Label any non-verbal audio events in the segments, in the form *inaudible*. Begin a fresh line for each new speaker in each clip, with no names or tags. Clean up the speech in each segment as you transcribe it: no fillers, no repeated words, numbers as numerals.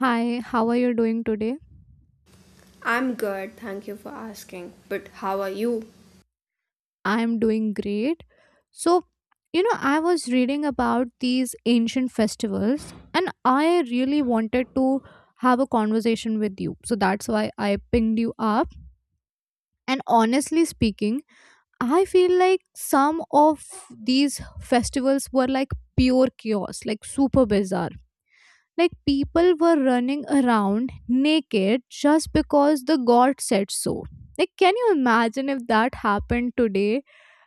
Hi, how are you doing today?
I'm good, thank you for asking. But how are you?
I'm doing great. So, I was reading about these ancient festivals and I really wanted to have a conversation with you. So that's why I pinged you up. And honestly speaking, I feel like some of these festivals were like pure chaos, like super bizarre. Like people were running around naked just because the god said so. Like, can you imagine if that happened today?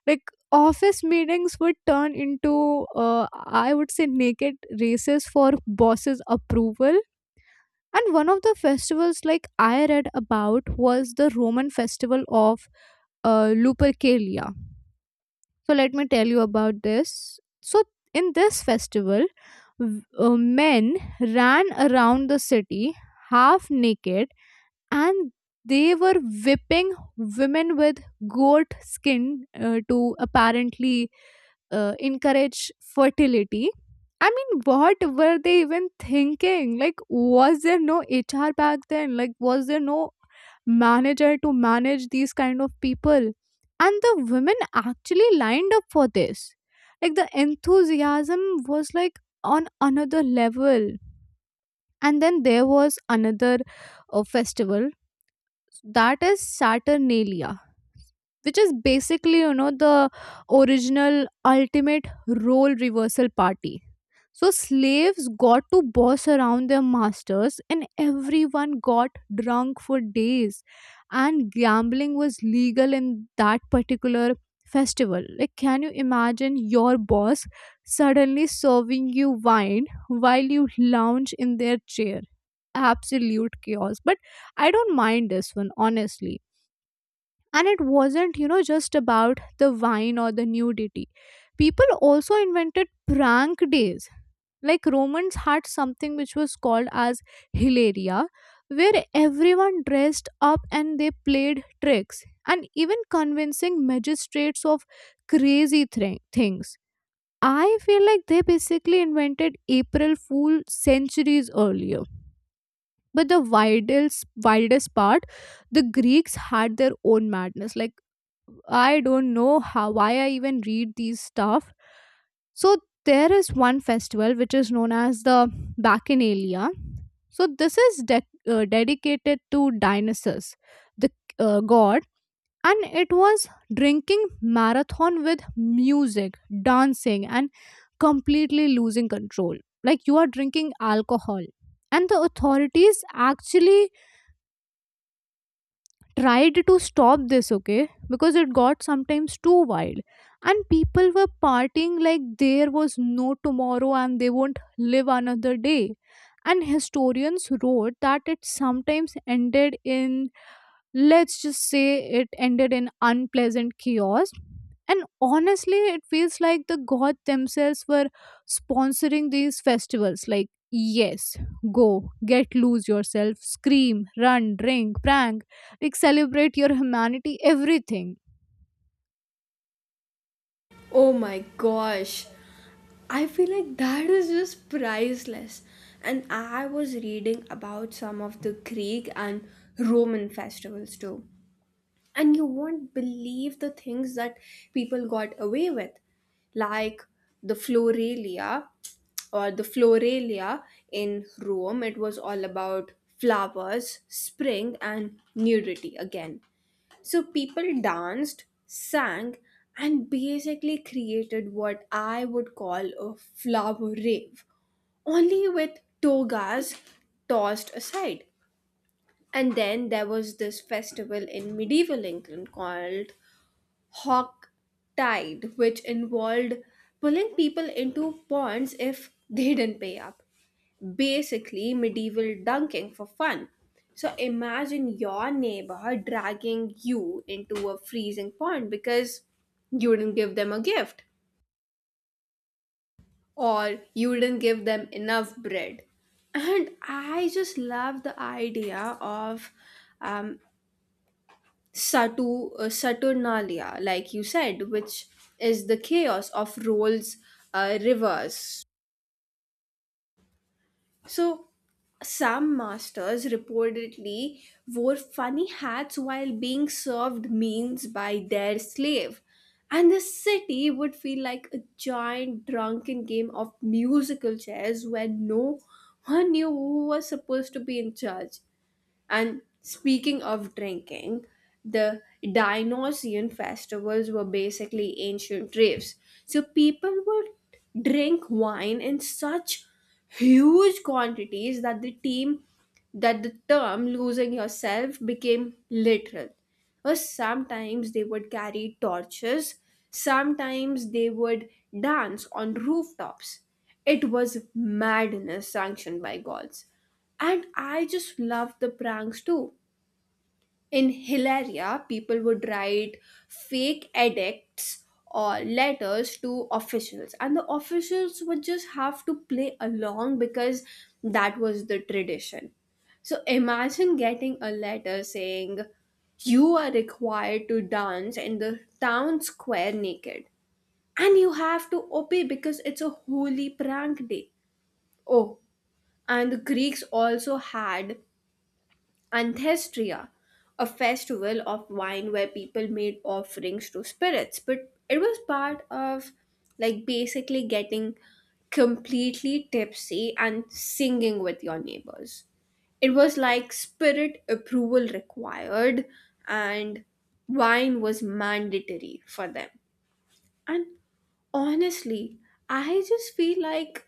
Like, office meetings would turn into, I would say, naked races for bosses' approval. And one of the festivals, like I read about, was the Roman festival of Lupercalia, so let me tell you about this. So in this festival, men ran around the city half naked and they were whipping women with goat skin, to apparently encourage fertility. I mean, what were they even thinking? Like, was there no HR back then? Like, was there no manager to manage these kind of people, and the women actually lined up for this. Like the enthusiasm was like on another level. And then there was another festival, that is saturnalia, which is basically, you know, the original ultimate role reversal party. So slaves got to boss around their masters, and everyone got drunk for days. And gambling was legal in that particular festival. Like, can you imagine your boss suddenly serving you wine while you lounge in their chair? Absolute chaos. But I don't mind this one, honestly. And it wasn't, you know, just about the wine or the nudity. People also invented prank days, like Romans had something which was called as Hilaria, where everyone dressed up and they played tricks and even convincing magistrates of things. I feel like they basically invented April Fool centuries earlier. But the wildest, wildest part, the Greeks had their own madness. Like I don't know how why I even read these stuff. So there is one festival which is known as the Bacchanalia. So this is dedicated to Dionysus, the god, and it was drinking marathon with music, dancing, and completely losing control. Like you are drinking alcohol, and the authorities actually tried to stop this, okay, because it got sometimes too wild, and people were partying like there was no tomorrow and they won't live another day. And historians wrote that it sometimes ended in — let's just say it ended in unpleasant chaos. And honestly, it feels like the gods themselves were sponsoring these festivals. Like, yes, go, get loose yourself, scream, run, drink, prank, like celebrate your humanity, everything.
Oh my gosh, I feel like that is just priceless. And I was reading about some of the Greek and Roman festivals too. And you won't believe the things that people got away with, like the Floralia or the Floralia in Rome. It was all about flowers, spring, and nudity again. So people danced, sang, and basically created what I would call a flower rave, only with togas tossed aside. And then there was this festival in medieval England called Hawk Tide, which involved pulling people into ponds if they didn't pay up, basically medieval dunking for fun. So imagine your neighbor dragging you into a freezing pond because you didn't give them a gift or you didn't give them enough bread. And I just love the idea of um, Saturnalia, like you said, which is the chaos of Roll's rivers. So, some masters reportedly wore funny hats while being served meals by their slave, and the city would feel like a giant drunken game of musical chairs where no one knew who was supposed to be in charge. And speaking of drinking, the Dionysian festivals were basically ancient raves. So people would drink wine in such huge quantities that the team that the term losing yourself became literal. Or sometimes they would carry torches, sometimes they would dance on rooftops. It was madness sanctioned by gods. And I just loved the pranks too. In Hilaria, people would write fake edicts or letters to officials, and the officials would just have to play along because that was the tradition. So imagine getting a letter saying, "You are required to dance in the town square naked, and you have to obey because it's a holy prank day." Oh, and the Greeks also had Anthestria, a festival of wine where people made offerings to spirits, but it was part of like basically getting completely tipsy and singing with your neighbors. It was like spirit approval required, and wine was mandatory for them. And honestly, I just feel like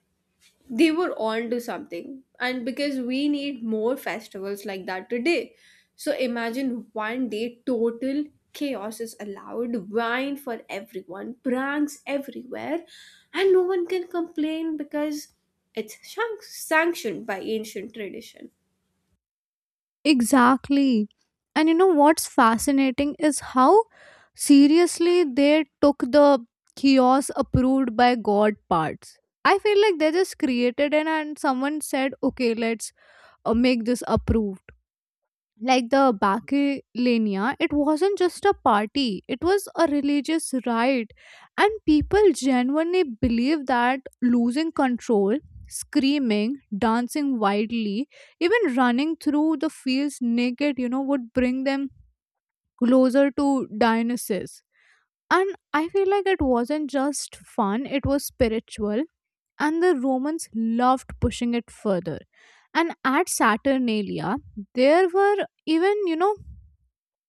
they were on to something, and because we need more festivals like that today. So imagine one day total chaos is allowed, wine for everyone, pranks everywhere, and no one can complain because it's sanctioned by ancient tradition.
Exactly. And you know what's fascinating is how seriously they took the chaos approved by God parts. I feel like they just created it and someone said, okay, let's make this approved, like the Bacchanania, it wasn't just a party, it was a religious rite. And people genuinely believed that losing control, screaming, dancing wildly, even running through the fields naked, you know, would bring them closer to Dionysus. And I feel like it wasn't just fun, it was spiritual. And the Romans loved pushing it further. And at Saturnalia, there were even, you know,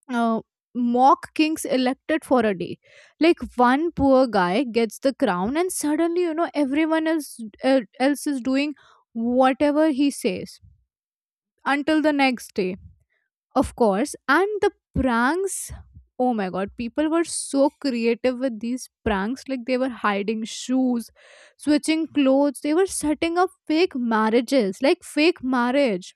uh, mock kings elected for a day, like one poor guy gets the crown and suddenly you know everyone else is doing whatever he says until the next day, of course. And the pranks, oh my god, people were so creative with these pranks, like they were hiding shoes, switching clothes, they were setting up fake marriages, like fake marriage.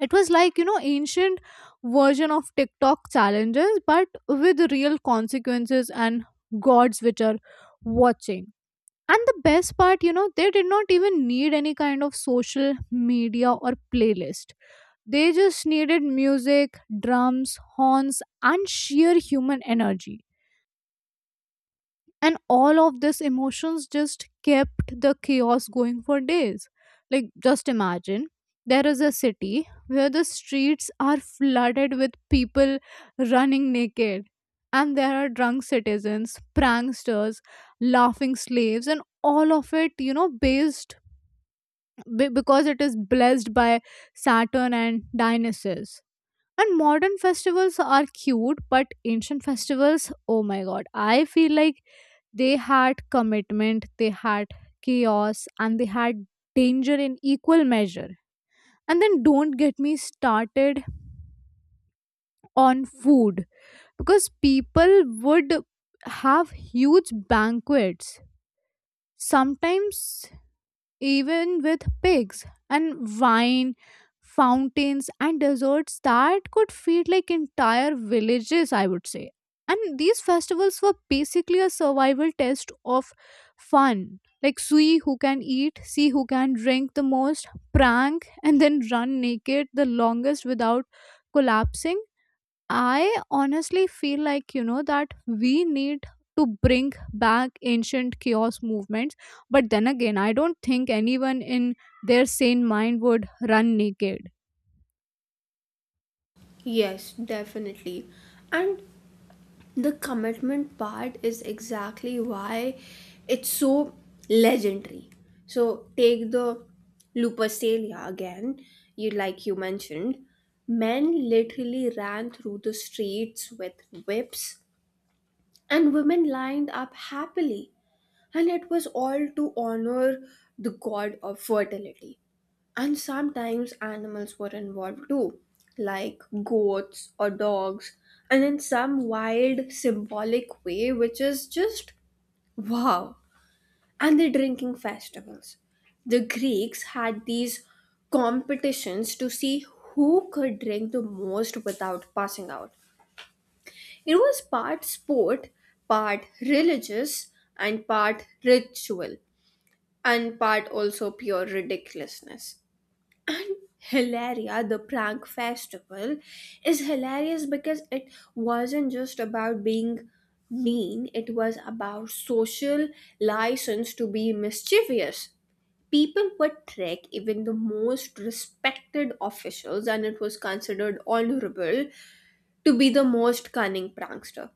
It was like, you know, ancient version of TikTok challenges, but with real consequences and gods which are watching. And the best part, you know, they did not even need any kind of social media or playlist. They just needed music, drums, horns, and sheer human energy, and all of this emotions just kept the chaos going for days. Like just imagine there is a city where the streets are flooded with people running naked, and there are drunk citizens, pranksters, laughing slaves, and all of it, you know, based because it is blessed by saturn and dionysus. And modern festivals are cute, but ancient festivals, oh my god, I feel like they had commitment, they had chaos, and they had danger in equal measure. And then don't get me started on food, because people would have huge banquets. Sometimes even with pigs and wine fountains and desserts that could feed like entire villages, I would say. And these festivals were basically a survival test of fun, like see who can eat, see who can drink the most, prank, and then run naked the longest without collapsing. I honestly feel like, you know, that we need to bring back ancient chaos movements, but then again, I don't think anyone in their sane mind would run naked.
Yes, definitely. And the commitment part is exactly why it's so legendary. So take the Lupercalia again. You, like you mentioned, men literally ran through the streets with whips, and women lined up happily, and it was all to honor the god of fertility. And sometimes animals were involved too, like goats or dogs, and in some wild symbolic way, which is just wow. And the drinking festivals. The Greeks had these competitions to see who could drink the most without passing out. It was part sport, part religious, and part ritual, and part also pure ridiculousness. And Hilaria, the prank festival, is hilarious because it wasn't just about being mean, it was about social license to be mischievous. People would trick even the most respected officials, and it was considered honorable to be the most cunning prankster.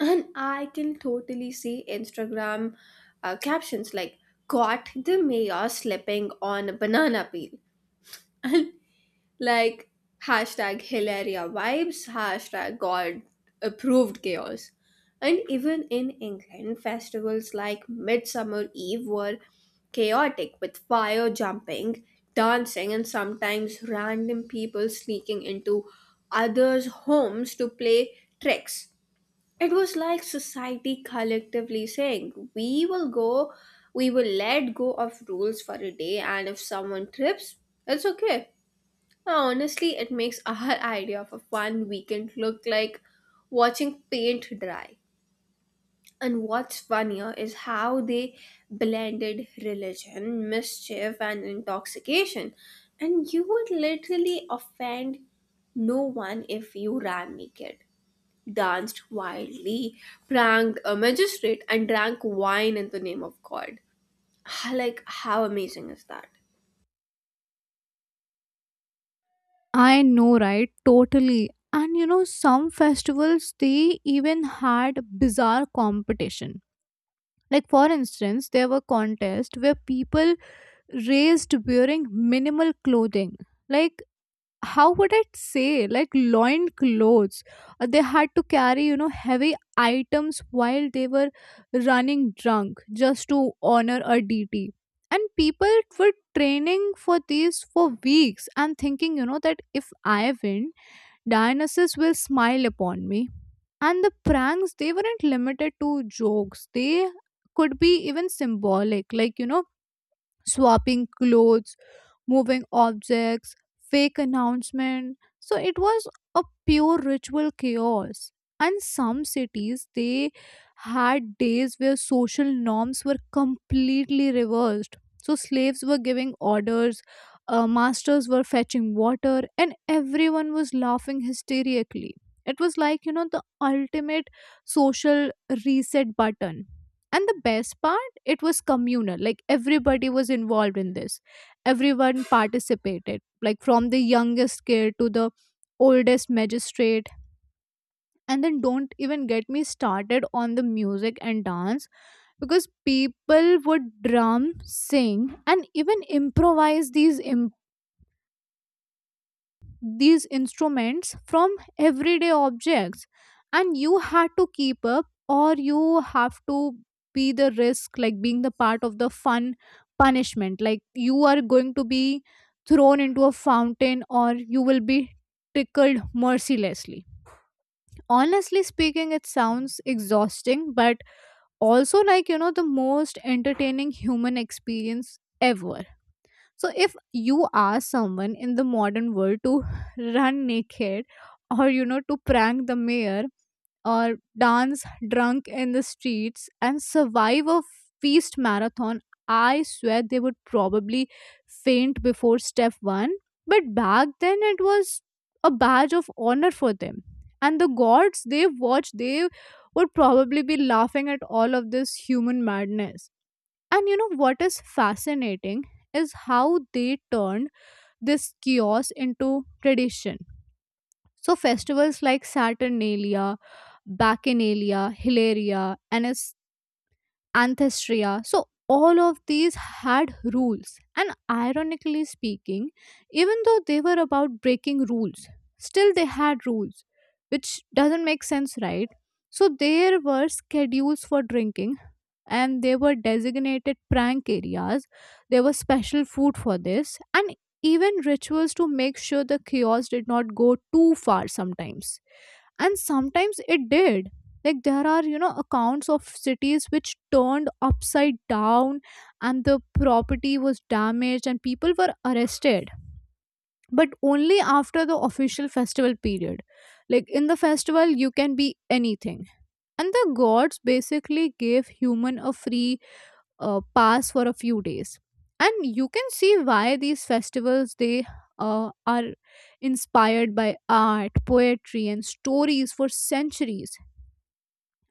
And I can totally see Instagram captions like, "Caught the mayor slipping on a banana peel," like hashtag Hilaria vibes, hashtag god approved chaos. And even in England, festivals like Midsummer Eve were chaotic, with fire jumping, dancing, and sometimes random people sneaking into others' homes to play tricks. It was like society collectively saying, we will let go of rules for a day, and if someone trips, it's okay. Huh. Honestly, it makes our *laughs* idea of a fun weekend look like watching paint dry. And what's funnier is how they blended religion, mischief, and intoxication. And you would literally offend no one if you ran naked, danced wildly, pranked a magistrate, and drank wine in the name of God. *laughs* *sighs* Like, how amazing is that?
I know, right? Totally. And you know, some festivals they even had bizarre competition. Like for instance, there were contests where people raised wearing minimal clothing. Like how would I say, like loin clothes. They had to carry, you know, heavy items while they were running drunk just to honor a DT. And people were training for these for weeks and thinking, you know, that if I win, Dionysus will smile upon me. And the pranks, they weren't limited to jokes, they could be even symbolic, like, you know, swapping clothes, moving objects, fake announcement. So it was a pure ritual chaos. And some cities they had days where social norms were completely reversed. So slaves were giving orders, masters were fetching water, and everyone was laughing hysterically. It was like, you know, the ultimate social reset button. And the best part, it was communal. Like everybody was involved in this, everyone participated, like from the youngest kid to the oldest magistrate. And then don't even get me started on the music and dance, because people would drum, sing, and even improvise these instruments from everyday objects. And you had to keep up or you have to be the risk, like being the part of the fun punishment, like you are going to be thrown into a fountain or you will be tickled mercilessly. Honestly speaking, it sounds exhausting, but also, like, you know, the most entertaining human experience ever. So if you ask someone in the modern world to *laughs* run naked, or you know, to prank the mayor, or dance drunk in the streets and survive a feast marathon, I swear they would probably faint before step 1, but back then it was a badge of honor for them. And the gods they watched, they would probably be laughing at all of this human madness. And you know what is fascinating is how they turned this chaos into tradition. So festivals like Saturnalia, Bacchanalia, Hilaria, and its Anthestria. So all of these had rules. And ironically speaking, even though they were about breaking rules, still they had rules, which doesn't make sense, right? So there were schedules for drinking, and there were designated prank areas. There was special food for this, and even rituals to make sure the chaos did not go too far sometimes. And sometimes it did. Like, there are, you know, accounts of cities which turned upside down and the property was damaged and people were arrested, but only after the official festival period. Like, in the festival, you can be anything. And the gods basically gave human a free pass for a few days. And you can see why these festivals they are inspired by art, poetry, and stories for centuries.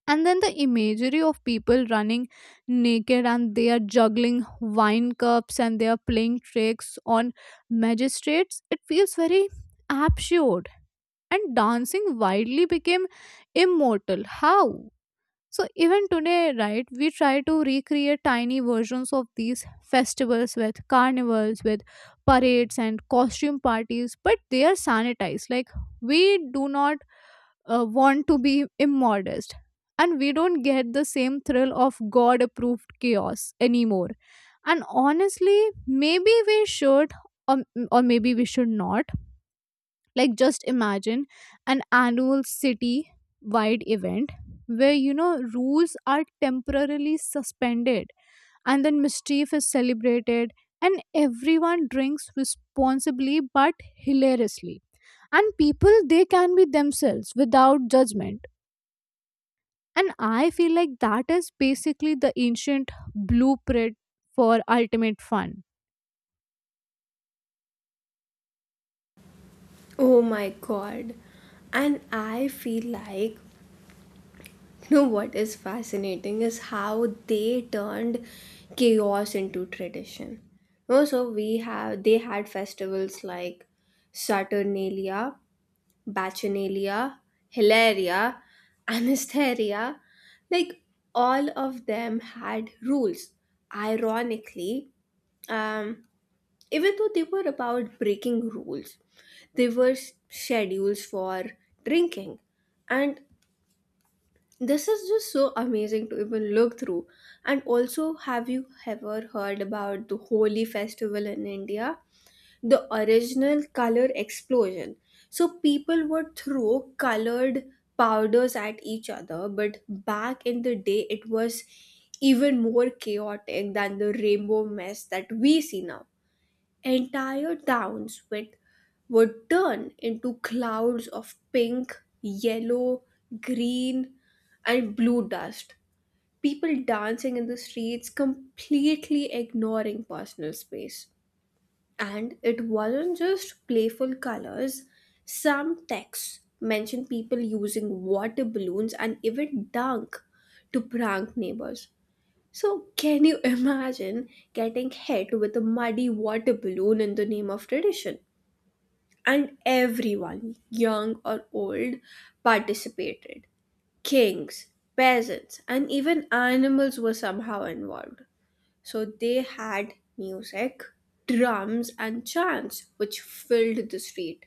And then the imagery of people running naked, and they are juggling wine cups, and they are playing tricks on magistrates, it feels very absurd. And dancing wildly became immortal, how. So even today, right, we try to recreate tiny versions of these festivals with carnivals, with parades and costume parties, but they are sanitized. Like we do not want to be immodest, and we don't get the same thrill of God-approved chaos anymore. And honestly, maybe we should, or, or maybe we should not. Like, just imagine an annual city wide event where, you know, rules are temporarily suspended, and then mischief is celebrated, and everyone drinks responsibly but hilariously. And people, they can be themselves without judgment. And I feel like that is basically the ancient blueprint for ultimate fun.
Oh my god. And I feel like *laughs* you know what is fascinating is how they turned chaos into tradition. Also, we have, they had festivals like Saturnalia, Bacchanalia, Hilaria, *laughs* Anastasia. Like, all of them had rules. Ironically, um, even though they were about breaking rules, there were schedules for drinking, and this is just so amazing to even look through. And also, have you ever heard about the Holi festival in India? The original color explosion. So, people would throw colored powders at each other, but back in the day, it was even more chaotic than the rainbow mess that we see now. Entire towns with would turn into clouds of pink, yellow, green, and blue dust. People dancing in the streets, completely ignoring personal space. And it wasn't just playful colors, some texts mention people using water balloons and even dunk to prank neighbors. So, can you imagine getting hit with a muddy water balloon in the name of tradition? And everyone, young or old, participated. Kings, peasants, and even animals were somehow involved. So, they had music, drums, and chants which filled the street.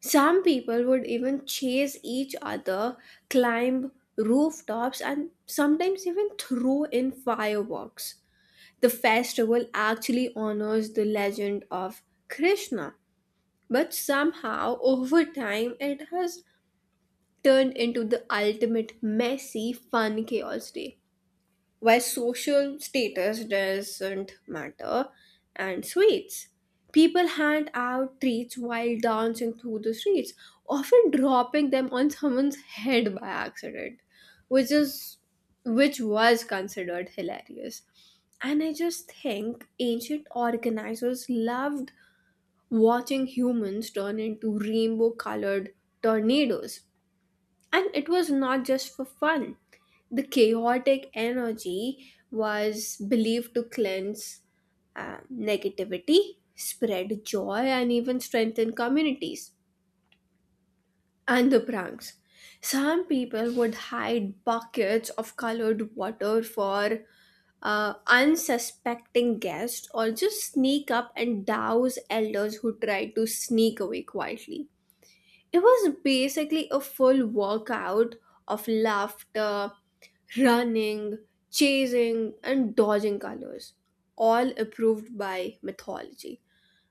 Some people would even chase each other, climb rooftops, and sometimes even throw in fireworks. The festival actually honors the legend of Krishna, but somehow over time it has turned into the ultimate messy, fun chaos day, where social status doesn't matter, and sweets. People hand out treats while dancing through the streets, often dropping them on someone's head by accident, which is which was considered hilarious. And I just think ancient organizers loved watching humans turn into rainbow colored tornadoes. And it was not just for fun. The chaotic energy was believed to cleanse negativity, spread joy, and even strengthen communities. And the pranks. Some people would hide buckets of colored water for unsuspecting guests, also sneak up and douse elders who try to sneak away quietly. It was basically a full workout of laughter, running, chasing, and dodging colors, all approved by mythology.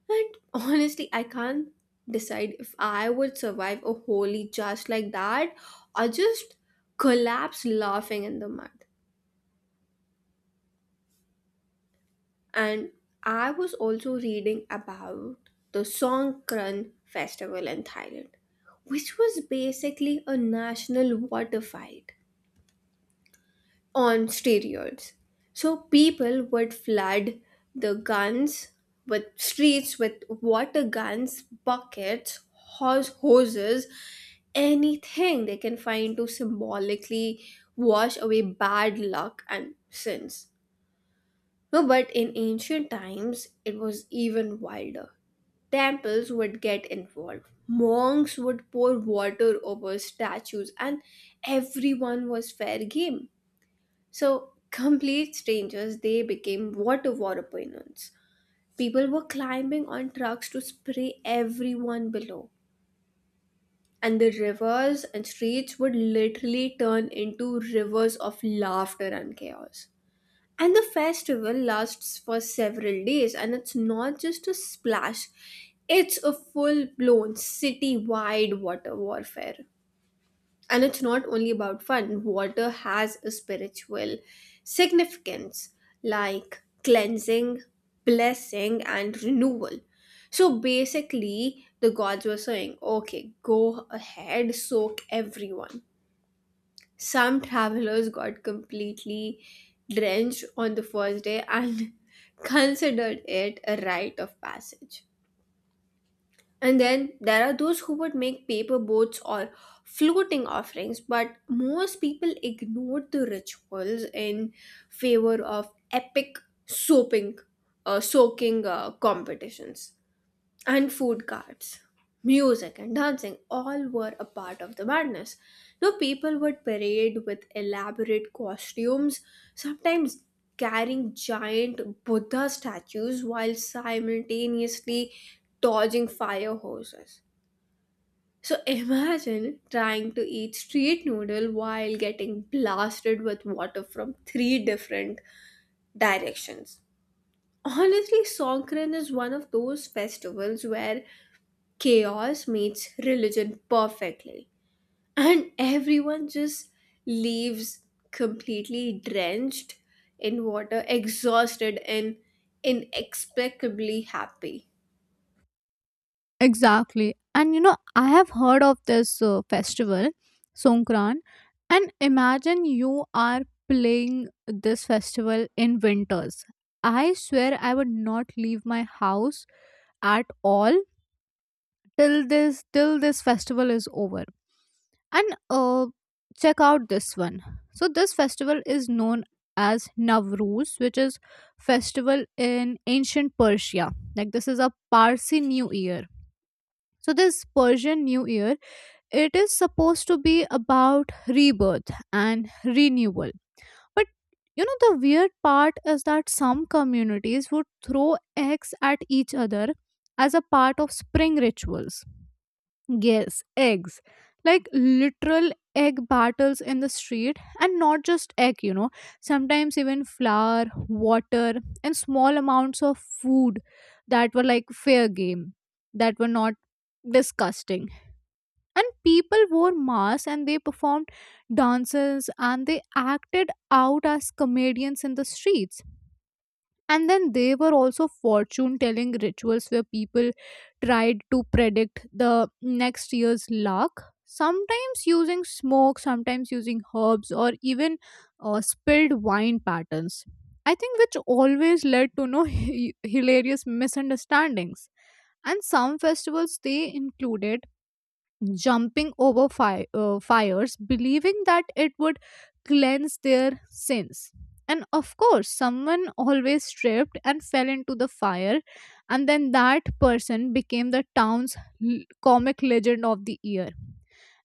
And honestly, I can't decide if I would survive a holy just like that, or just collapse laughing in the mud. And I was also reading about the Songkran festival in Thailand, which was basically a national water fight on steroids. So people would flood the guns with streets with water guns, buckets, hoses, anything they can find to symbolically wash away bad luck and sins. No, but in ancient times, it was even wilder. Temples would get involved. Monks would pour water over statues, and everyone was fair game. So, complete strangers, they became water warapinons. People were climbing on trucks to spray everyone below. And the rivers and streets would literally turn into rivers of laughter and chaos. And the festival lasts for several days, and it's not just a splash, it's a full blown city wide water warfare. And it's not only about fun, water has a spiritual significance, like cleansing, blessing, and renewal. So basically, the gods were saying, okay, go ahead, soak everyone. Some travelers got completely drenched on the first day and *laughs* considered it a rite of passage. And then there are those who would make paper boats or floating offerings, but most people ignored the rituals in favor of epic soaping, soaking competitions and food carts. Music and dancing all were a part of the madness. No, people would parade with elaborate costumes, sometimes carrying giant Buddha statues while simultaneously dodging fire hoses. So imagine trying to eat street noodle while getting blasted with water from three different directions. Honestly, Songkran is one of those festivals where chaos meets religion perfectly, and everyone just leaves completely drenched in water, exhausted, and inexplicably happy.
Exactly. And you know, I have heard of this festival, Songkran, and imagine you are playing this festival in winters. I swear I would not leave my house at all till this festival is over. And check out this one. So this festival is known as Navruz, which is festival in ancient Persia. Like this is a Parsi New Year, so this Persian New Year, it is supposed to be about rebirth and renewal. But you know the weird part is that some communities would throw eggs at each other as a part of spring rituals. Yes, eggs. Like literal egg battles in the street and not just egg, sometimes even flour, water, and small amounts of food that were like fair game, that were not disgusting. And people wore masks and they performed dances and they acted out as comedians in the streets. And then there were also fortune telling rituals where people tried to predict the next year's luck, sometimes using smoke, sometimes using herbs, or even spilled wine patterns, I think, which always led to no *laughs* hilarious misunderstandings. And some festivals they included jumping over fires, believing that it would cleanse their sins. And of course, someone always tripped and fell into the fire, and then that person became the town's comic legend of the year.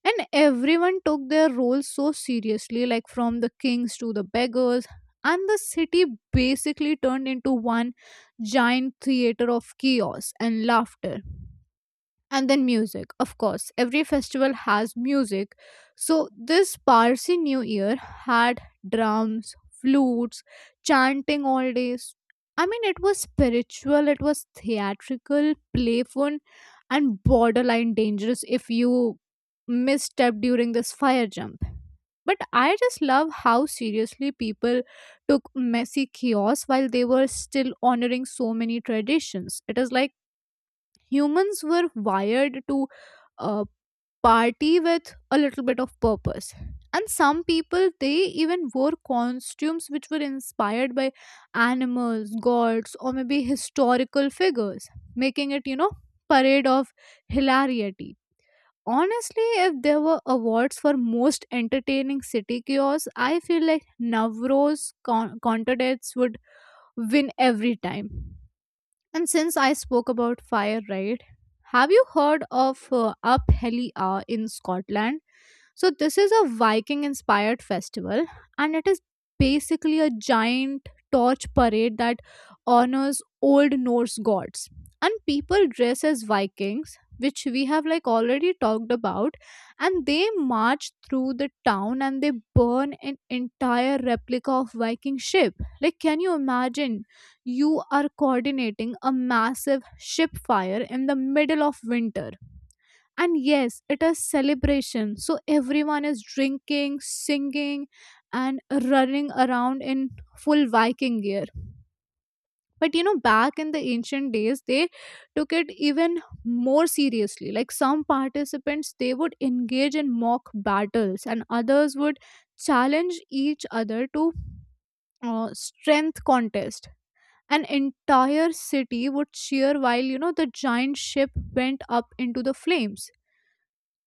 And everyone took their role so seriously, like from the kings to the beggars, and the city basically turned into one giant theater of chaos and laughter. And then music, of course, every festival has music. So this Parsi New Year had drums, flutes, chanting all days. I mean, it was spiritual, it was theatrical, playful, and borderline dangerous if you misstep during this fire jump. But I just love how seriously people took messy chaos while they were still honoring so many traditions. It is like humans were wired to uh, party with a little bit of purpose. And some people they even wore costumes which were inspired by animals, gods, or maybe historical figures, making it, you know, parade of hilarity. Honestly, if there were awards for most entertaining city chaos, I feel like contest would win every time. And since I spoke about fire, right? Have you heard of Up Helier in Scotland? So, this is a Viking inspired festival, and it is basically a giant torch parade that honors old Norse gods. And people dress as Vikings, which we have like already talked about, and they march through the town and they burn an entire replica of Viking ship. Like, can you imagine? You are coordinating a massive ship fire in the middle of winter. And yes, it is celebration, so everyone is drinking, singing, and running around in full Viking gear. But you know, back in the ancient days they took it even more seriously. Like some participants they would engage in mock battles, and others would challenge each other to strength contest. An entire city would cheer while, you know, the giant ship went up into the flames.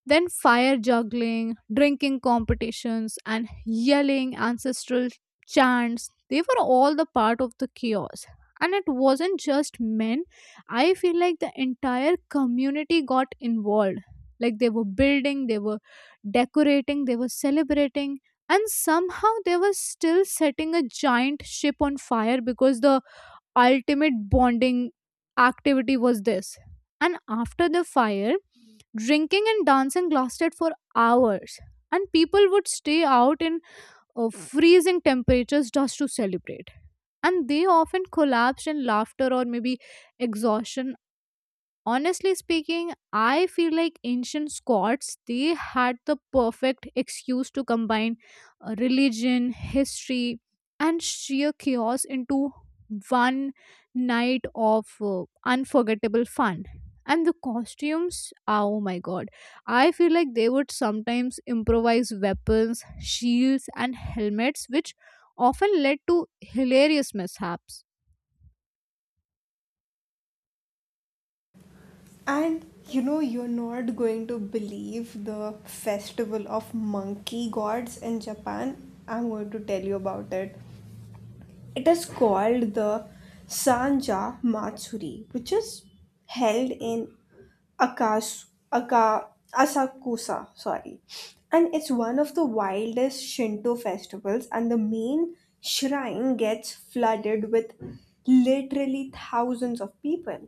Then fire juggling, drinking competitions, and yelling ancestral chants, they were all the part of the chaos. And it wasn't just men, I feel like the entire community got involved. Like they were building, they were decorating, they were celebrating, and somehow they were still setting a giant ship on fire because the ultimate bonding activity was this. And after the fire, drinking and dancing lasted for hours, and people would stay out in freezing temperatures just to celebrate. And they often collapsed in laughter or maybe exhaustion. Honestly speaking, I feel like ancient Scots they had the perfect excuse to combine religion, history, and sheer chaos into one night of unforgettable fun. And the costumes, oh my god, I feel like they would sometimes improvise weapons, shields, and helmets, which often led to hilarious mishaps.
And you know, you're not going to believe the festival of monkey gods in Japan. I'm going to tell you about it. It is called the Sanja Matsuri, which is held in Akas, Aka, Asakusa, sorry. And it's one of the wildest Shinto festivals, and the main shrine gets flooded with literally thousands of people,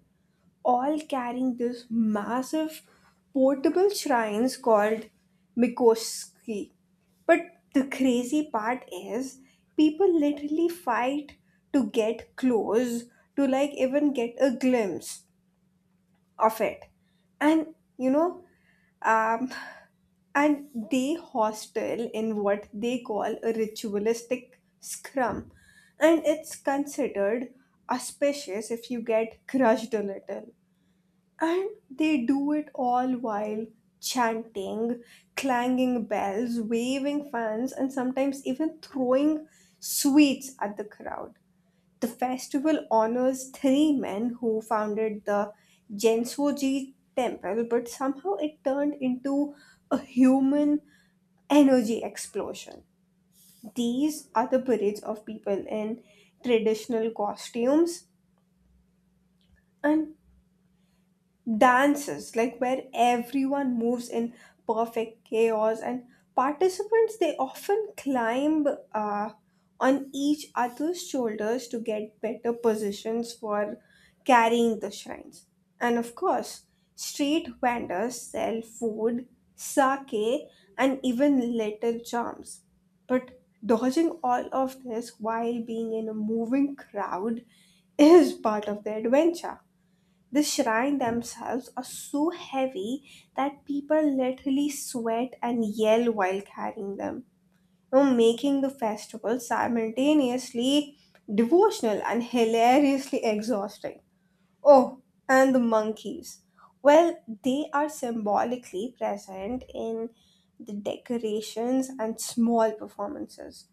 all carrying this massive portable shrines called Mikoski. But the crazy part is, people literally fight to get close, to like even get a glimpse of it. And you know, um, and they hostel in what they call a ritualistic scrum, and it's considered auspicious if you get crushed a little. And they do it all while chanting, clanging bells, waving fans, and sometimes even throwing sweets at the crowd. The festival honors three men who founded the Gensoji temple, but somehow it turned into a human energy explosion. These are the parades of people in traditional costumes, and dances like where everyone moves in perfect chaos, and participants they often climb uh, on each other's shoulders to get better positions for carrying the shrines. And of course, street vendors sell food, sake, and even little charms, but dodging all of this while being in a moving crowd *laughs* is part of the adventure. The shrine themselves are so heavy that people literally sweat and yell while carrying them, you know, making the festival simultaneously devotional and hilariously exhausting. Oh, and the monkeys. Well, they are symbolically present in the decorations and small performances,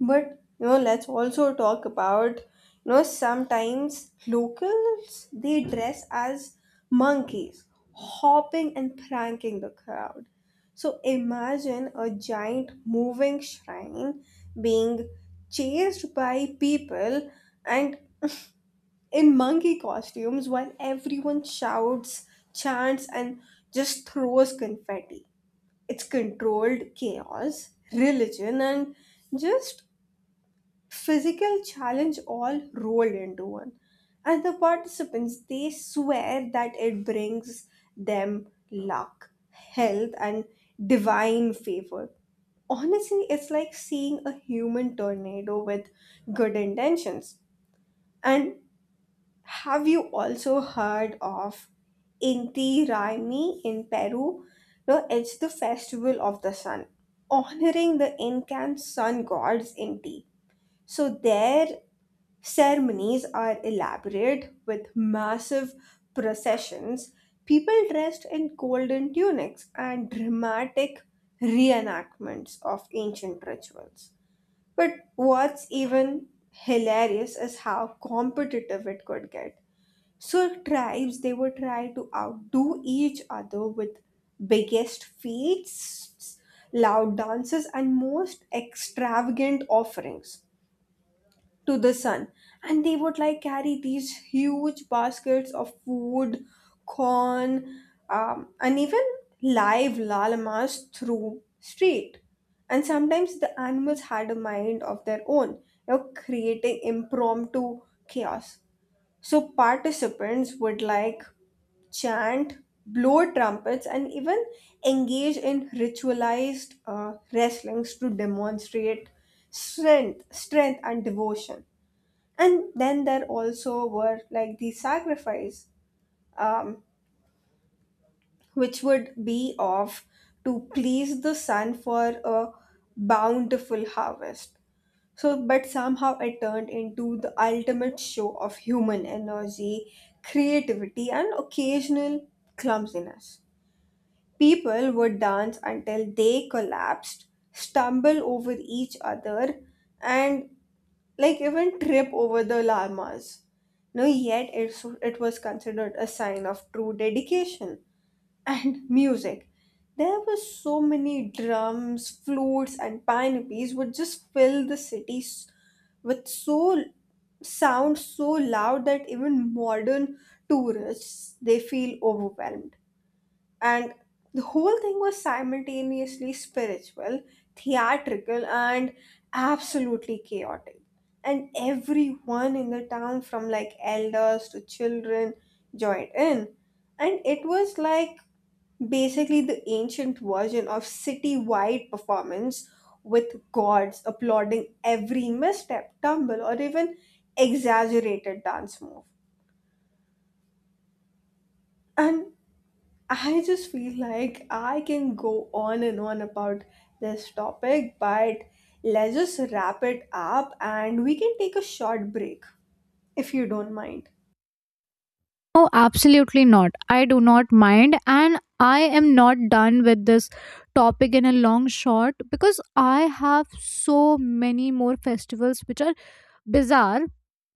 but you know, let's also talk about, you know, sometimes locals they dress as monkeys, hopping and pranking the crowd. So imagine a giant moving shrine being chased by people and in monkey costumes while everyone shouts, chants, and just throws confetti. It's controlled chaos, religion, and just physical challenge all rolled into one, and the participants they swear that it brings them luck, health, and divine favor. Honestly, it's like seeing a human tornado with good intentions. And have you also heard of Inti Raymi in Peru? No, it's the festival of the sun, honoring the Incan sun gods Inti. So there, ceremonies are elaborate with massive processions, people dressed in golden tunics, and dramatic reenactments of ancient rituals. But what's even hilarious is how competitive it could get. So, tribes they would try to outdo each other with biggest feats, loud dances, and most extravagant offerings to the sun. And they would like carry these huge baskets of food, corn, and even live llamas through street, and sometimes the animals had a mind of their own, you know, creating impromptu chaos. So participants would like chant, blow trumpets, and even engage in ritualized wrestlings to demonstrate strength and devotion. And then there also were like the sacrifice, um, which would be of, to please the sun for a bountiful harvest. So but somehow it turned into the ultimate show of human energy, creativity, and occasional clumsiness. People would dance until they collapsed, stumble over each other, and like even trip over the llamas. No, yet it's, it was considered a sign of true dedication. And *laughs* music. There were so many drums, flutes, and panoplies would just fill the cities with sound so loud that even modern tourists they feel overwhelmed. And the whole thing was simultaneously spiritual, theatrical, and absolutely chaotic. And everyone in the town, from like elders to children, joined in. And it was like basically the ancient version of city-wide performance, with gods applauding every misstep, tumble, or even exaggerated dance move. And I just feel like I can go on and on about this topic, but let's just wrap it up and we can take a short break if you don't mind.
Oh, absolutely not. I do not mind, and I am not done with this topic in a long shot because I have so many more festivals which are bizarre,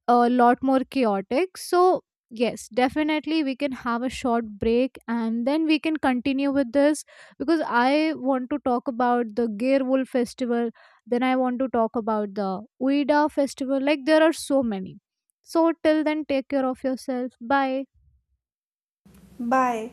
a lot more chaotic. So, yes, definitely we can have a short break and then we can continue with this because I want to talk about the Gerwolf festival, then I want to talk about the Uida festival. Like, there are so many. So, till then, take care of yourself. Bye.
Bye.